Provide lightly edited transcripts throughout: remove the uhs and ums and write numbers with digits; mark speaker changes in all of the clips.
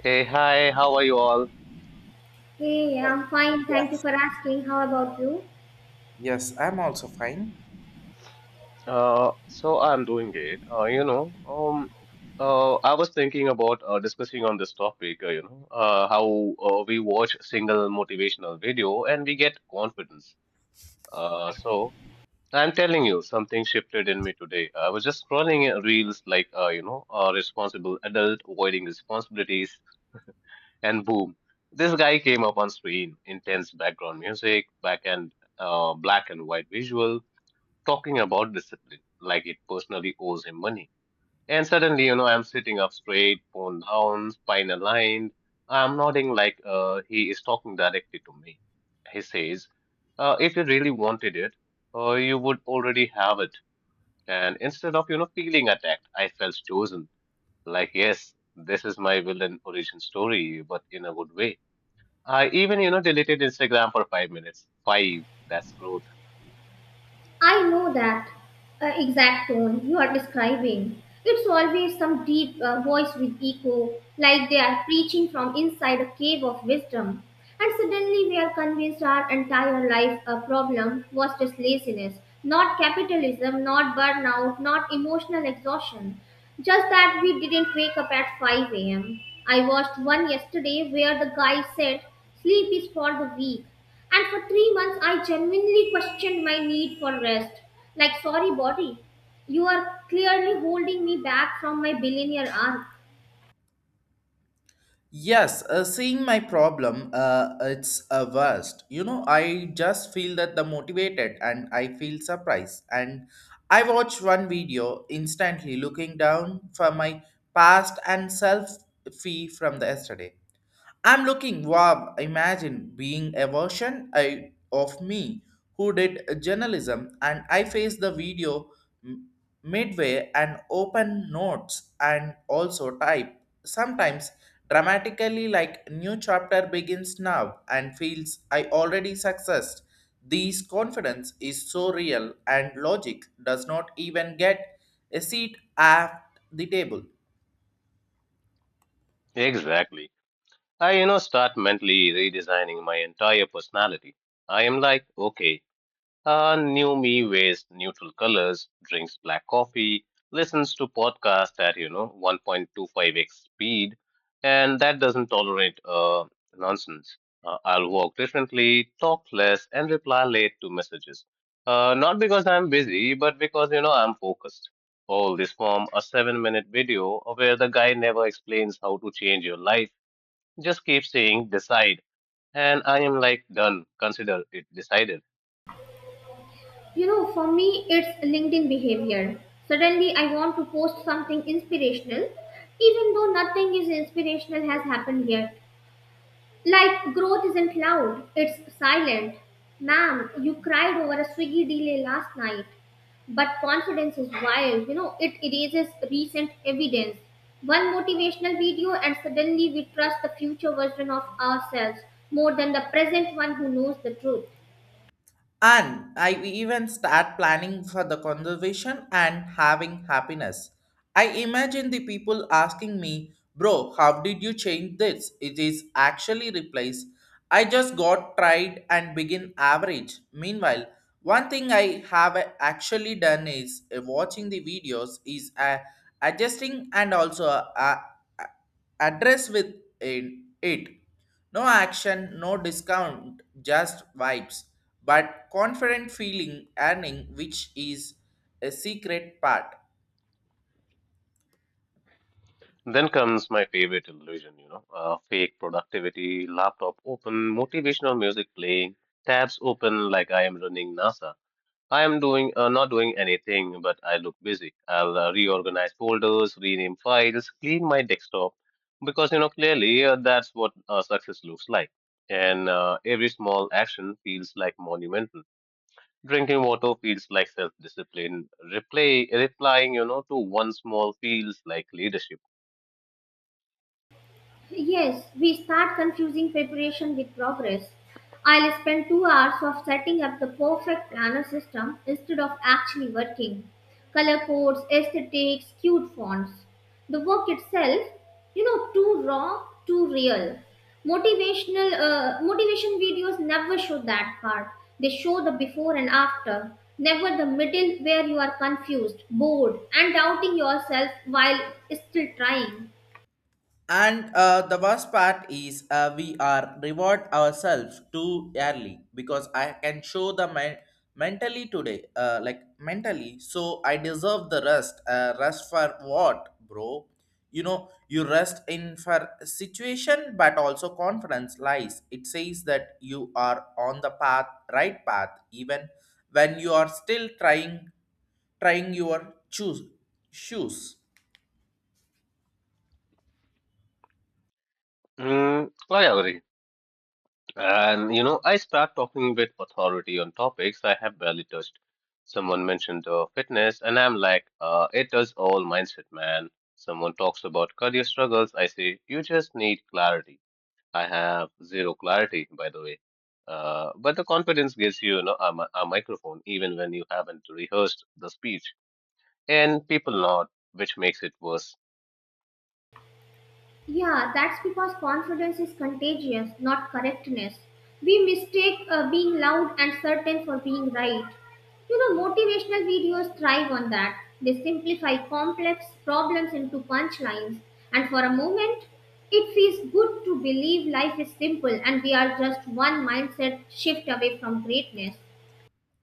Speaker 1: Hey, hi, how are you all?
Speaker 2: Hey, I'm fine. Thank you
Speaker 3: Yes,
Speaker 2: for asking. How about you?
Speaker 3: yes, I'm also fine.
Speaker 1: So I'm doing great. I was thinking about discussing on this topic, how we watch single motivational video and we get confidence. So I'm telling you, something shifted in me today. I was just scrolling reels like, a responsible adult avoiding responsibilities, and boom, this guy came up on screen, intense background music, back and black and white visual talking about discipline like it personally owes him money. And suddenly, you know, I'm sitting up straight, phone down, spine aligned. I'm nodding like he is talking directly to me. He says, if you really wanted it, you would already have it. And instead of, you know, feeling attacked, I felt chosen. Like, yes, this is my villain origin story, but in a good way. I even, you know, deleted Instagram for 5 minutes. 5, that's growth.
Speaker 2: I know that exact tone you are describing. It's always some deep voice with echo, like they are preaching from inside a cave of wisdom. And suddenly we are convinced our entire life problem was just laziness, not capitalism, not burnout, not emotional exhaustion. Just that we didn't wake up at 5 a.m. I watched one yesterday where the guy said, "Sleep is for the weak." And for 3 months, I genuinely questioned my need for rest. Like, sorry, body, you are clearly holding me back from my billionaire arc.
Speaker 3: Yes, seeing my problem, it's a worst. You know, I just feel that the motivated and I feel surprised. And I watch one video instantly looking down for my past and self fee from the yesterday. I'm looking, wow, imagine being a version I, of me who did journalism and I faced the video m- midway and open notes and also type. Sometimes dramatically like new chapter begins now and feels I already successed. This confidence is so real and logic does not even get a seat at the table.
Speaker 1: Exactly. I, you know, start mentally redesigning my entire personality. I am like, okay, new me wears neutral colors, drinks black coffee, listens to podcasts at, you know, 1.25x speed, and that doesn't tolerate nonsense. I'll walk differently, talk less, and reply late to messages. Not because I'm busy, but because, you know, I'm focused. All this from a 7 minute video where the guy never explains how to change your life, just keep saying decide, and I am like done, consider it decided.
Speaker 2: You know, for me, it's LinkedIn behavior. Suddenly, I want to post something inspirational, even though nothing is inspirational has happened here. Like growth isn't loud, it's silent. Ma'am, you cried over a Swiggy delay last night. But confidence is wild, you know, it erases recent evidence. One motivational video, and suddenly we trust the future version of ourselves more than the present one who knows the truth.
Speaker 3: And I even start planning for the conservation and having happiness. I imagine the people asking me, bro, how did you change this? It is actually replaced. I just got tried and begin average. Meanwhile, one thing I have actually done is watching the videos is adjusting and also uh, address with uh, it. No action, no discount, just vibes. But confident feeling earning, which is a secret part.
Speaker 1: Then comes my favorite illusion, fake productivity, laptop open, motivational music playing, tabs open like I am running NASA. I am doing not doing anything, but I look busy. I'll reorganize folders, rename files, clean my desktop, because you know clearly that's what success looks like. And every small action feels like monumental. Drinking water feels like self-discipline. Replying, you know, to one small feels like leadership.
Speaker 2: Yes, we start confusing preparation with progress. I'll spend 2 hours of setting up the perfect planner system instead of actually working. Color codes, aesthetics, cute fonts. The work itself, you know, too raw, too real. Motivation videos never show that part. They show the before and after, never the middle where you are confused, bored, and doubting yourself while still trying.
Speaker 3: And the worst part is we are reward ourselves too early because I can show the mentally today, like mentally. So I deserve the rest. Rest for what, bro? You know, you rest in for situation, but also confidence lies. It says that you are on the path, right path, even when you are still trying, trying your choose shoes.
Speaker 1: Mm, I agree. And, you know, I start talking with authority on topics I have barely touched. Someone mentioned fitness, and I'm like, it does all mindset, man. Someone talks about career struggles. I say, you just need clarity. I have zero clarity, by the way. But the confidence gives you, you know, a microphone, even when you haven't rehearsed the speech. And people nod, which makes it worse.
Speaker 2: Yeah, that's because confidence is contagious, not correctness. We mistake being loud and certain for being right. You know, motivational videos thrive on that. They simplify complex problems into punchlines, and for a moment, it feels good to believe life is simple and we are just one mindset shift away from greatness.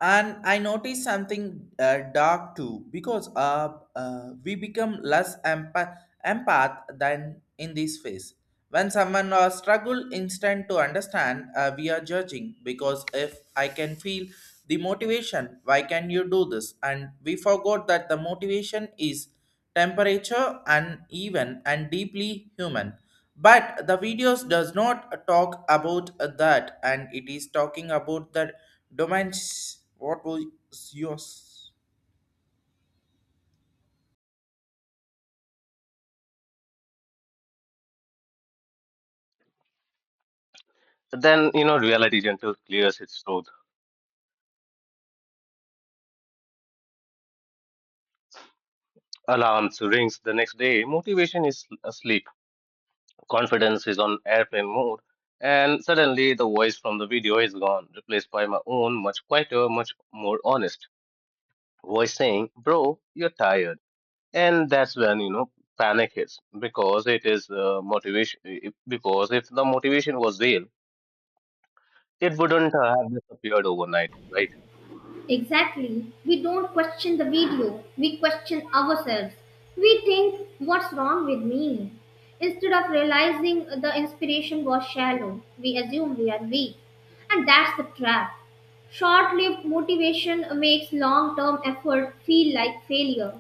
Speaker 3: And I noticed something dark too because we become less empath than in this phase when someone struggle instant to understand, we are judging because if I can feel the motivation, why can you do this? And we forgot that the motivation is temperature and even and deeply human. But the videos does not talk about that, and it is talking about the domains. What was yours?
Speaker 1: Then, you know, reality gentle clears its throat. Alarms rings the next day. Motivation is asleep. Confidence is on airplane mode. And suddenly the voice from the video is gone, replaced by my own, much quieter, much more honest voice saying, "Bro, you're tired." And that's when, you know, panic hits because it is motivation. Because if the motivation was real, it wouldn't have disappeared overnight, right?
Speaker 2: Exactly. We don't question the video, we question ourselves. We think, what's wrong with me? Instead of realizing the inspiration was shallow, we assume we are weak. And that's the trap. Short lived motivation makes long term effort feel like failure.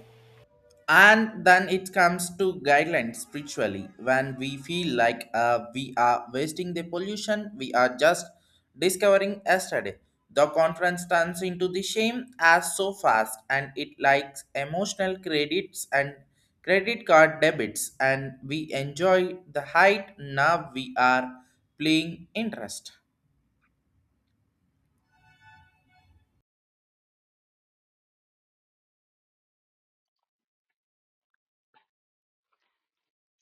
Speaker 3: And then it comes to guidelines spiritually when we feel like we are wasting the pollution we are just discovering yesterday, the conference turns into the shame as so fast and it likes emotional credits and credit card debits and we enjoy the height now we are playing interest.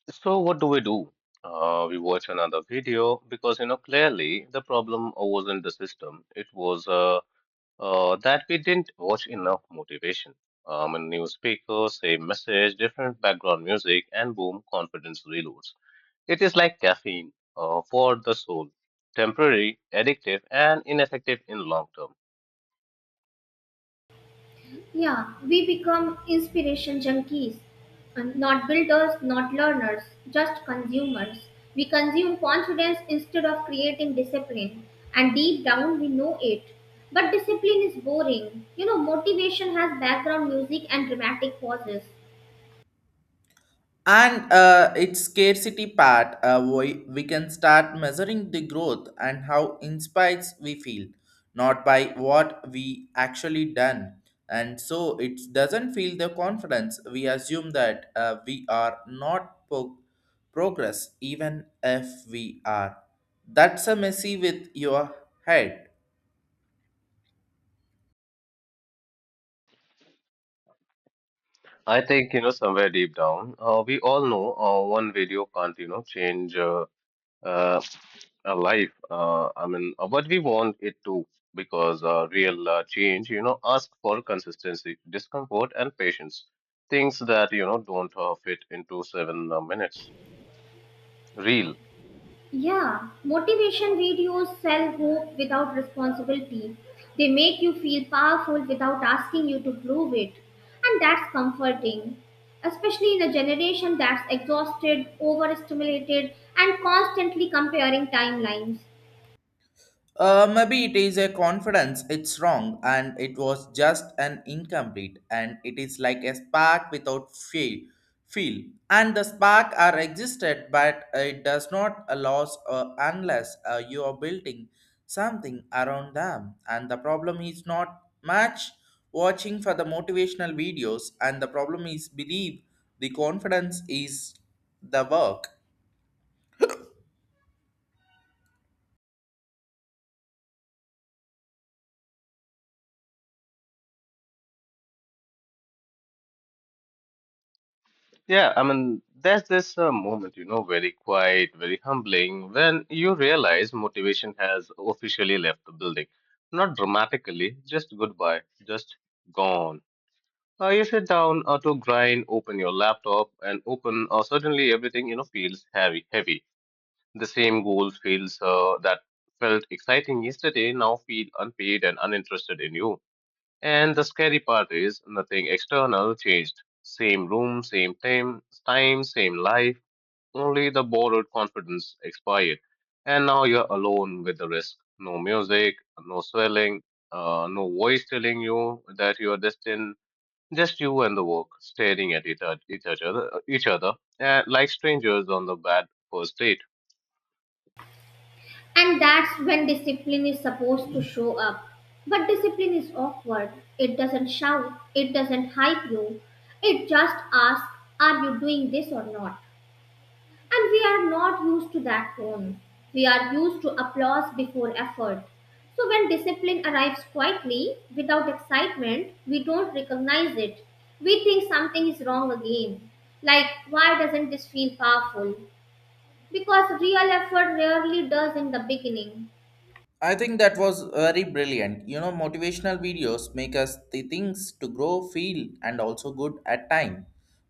Speaker 1: So what do we do? We watch another video because you know clearly the problem wasn't the system. It was that we didn't watch enough motivation. A new speaker, same message, different background music, and boom, confidence reloads. It is like caffeine for the soul, temporary, addictive, and ineffective in long term.
Speaker 2: Yeah, we become inspiration junkies, and not builders, not learners, just consumers. We consume confidence instead of creating discipline, and deep down we know it. But discipline is boring. You know, motivation has background music and dramatic pauses.
Speaker 3: And its scarcity part, we can start measuring the growth and how inspires we feel, not by what we actually done. And so it doesn't feel the confidence. We assume that we are not progress, even if we are. That's a messy with your head.
Speaker 1: I think you know somewhere deep down, we all know one video can't you know change. Uh, Life. I mean, what we want it to, because real change, you know, ask for consistency, discomfort, and patience. Things that you know don't fit into 7 minutes. Real.
Speaker 2: Yeah, motivation videos sell hope without responsibility. They make you feel powerful without asking you to prove it. And that's comforting, especially in a generation that's exhausted, overstimulated, and constantly comparing timelines.
Speaker 3: Maybe it is a confidence, it's wrong, and it was just an incomplete, and it is like a spark without fail, feel. And the spark are existed, but it does not allow unless you are building something around them. And the problem is not much watching for the motivational videos, and the problem is believe the confidence is the work.
Speaker 1: Yeah, I mean, there's this moment, you know, very quiet, very humbling, when you realize motivation has officially left the building. Not dramatically, just goodbye, just gone. You sit down to grind, open your laptop, and open. Suddenly, everything you know feels heavy. Heavy. The same goals feels that felt exciting yesterday now feel unpaid and uninterested in you. And the scary part is nothing external changed. Same room, time, same life. Only the borrowed confidence expired, and now you're alone with the risk. No music, no swelling, no voice telling you that you are destined, just you and the work, staring at it, at each other, like strangers on the bad first date.
Speaker 2: And that's when discipline is supposed to show up. But discipline is awkward. It doesn't shout, it doesn't hype you, it just asks, are you doing this or not? And we are not used to that tone. We are used to applause before effort. So when discipline arrives quietly, without excitement, we don't recognize it. We think something is wrong again. Like, why doesn't this feel powerful? Because real effort rarely does in the beginning.
Speaker 3: I think that was very brilliant. You know, motivational videos make us the things to grow, feel, and also good at time.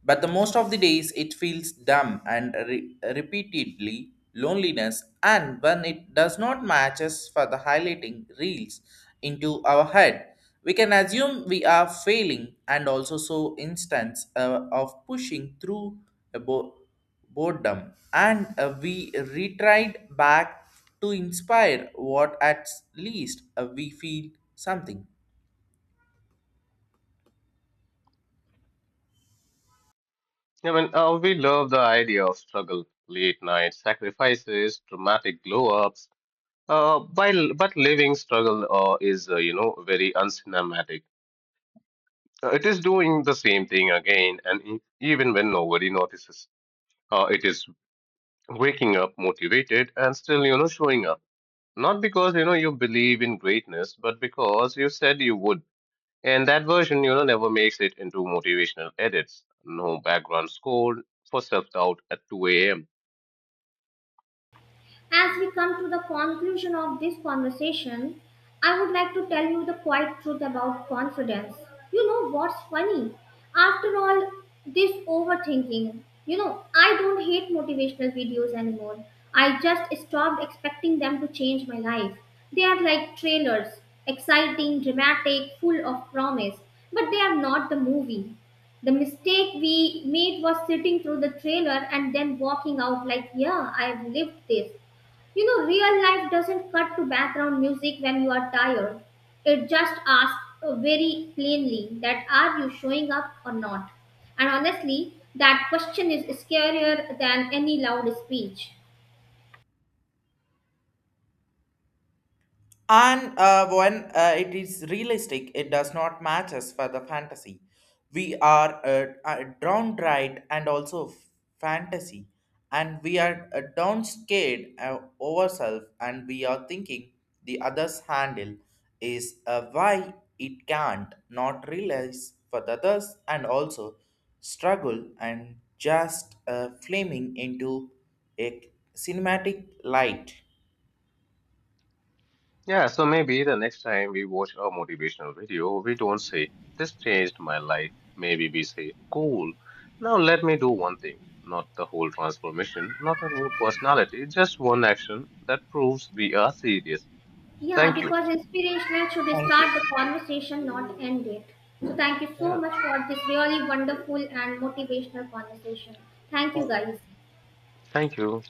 Speaker 3: But the most of the days, it feels dumb and repeatedly loneliness. And when it does not match us for the highlighting reels into our head, we can assume we are failing and also so instance of pushing through a boat boredom and we retried back to inspire what at least we feel something.
Speaker 1: I mean, we love the idea of struggle, late night sacrifices, dramatic glow-ups. But living struggle is, you know, very uncinematic. It is doing the same thing again, and even when nobody notices, it is waking up motivated and still, you know, showing up. Not because, you know, you believe in greatness, but because you said you would. And that version, you know, never makes it into motivational edits. No background score for self-doubt at 2 a.m.
Speaker 2: As we come to the conclusion of this conversation, I would like to tell you the quiet truth about confidence. You know what's funny? After all this overthinking, you know, I don't hate motivational videos anymore. I just stopped expecting them to change my life. They are like trailers, exciting, dramatic, full of promise, but they are not the movie. The mistake we made was sitting through the trailer and then walking out like, yeah, I have lived this. You know, real life doesn't cut to background music when you are tired. It just asks very plainly that are you showing up or not? And honestly, that question is scarier than any loud speech.
Speaker 3: And when it is realistic, it does not match us for the fantasy. We are drawn right and also fantasy, and we are down scared ourselves, and we are thinking the other's handle is why it can't not realize for the others, and also struggle and just flaming into a cinematic light.
Speaker 1: Yeah, so maybe the next time we watch a motivational video, we don't say, "This changed my life." Maybe we say, "Cool. Now let me do one thing." Not the whole transformation, not a new personality, just one action that proves we are serious.
Speaker 2: Yeah,
Speaker 1: Thank you.
Speaker 2: because inspirational should
Speaker 3: Thank you.
Speaker 2: start the conversation, not end it. So thank you so
Speaker 1: Yeah,
Speaker 2: much for this really wonderful and motivational conversation. Thank you
Speaker 3: Thank you.
Speaker 2: guys.
Speaker 1: thank you.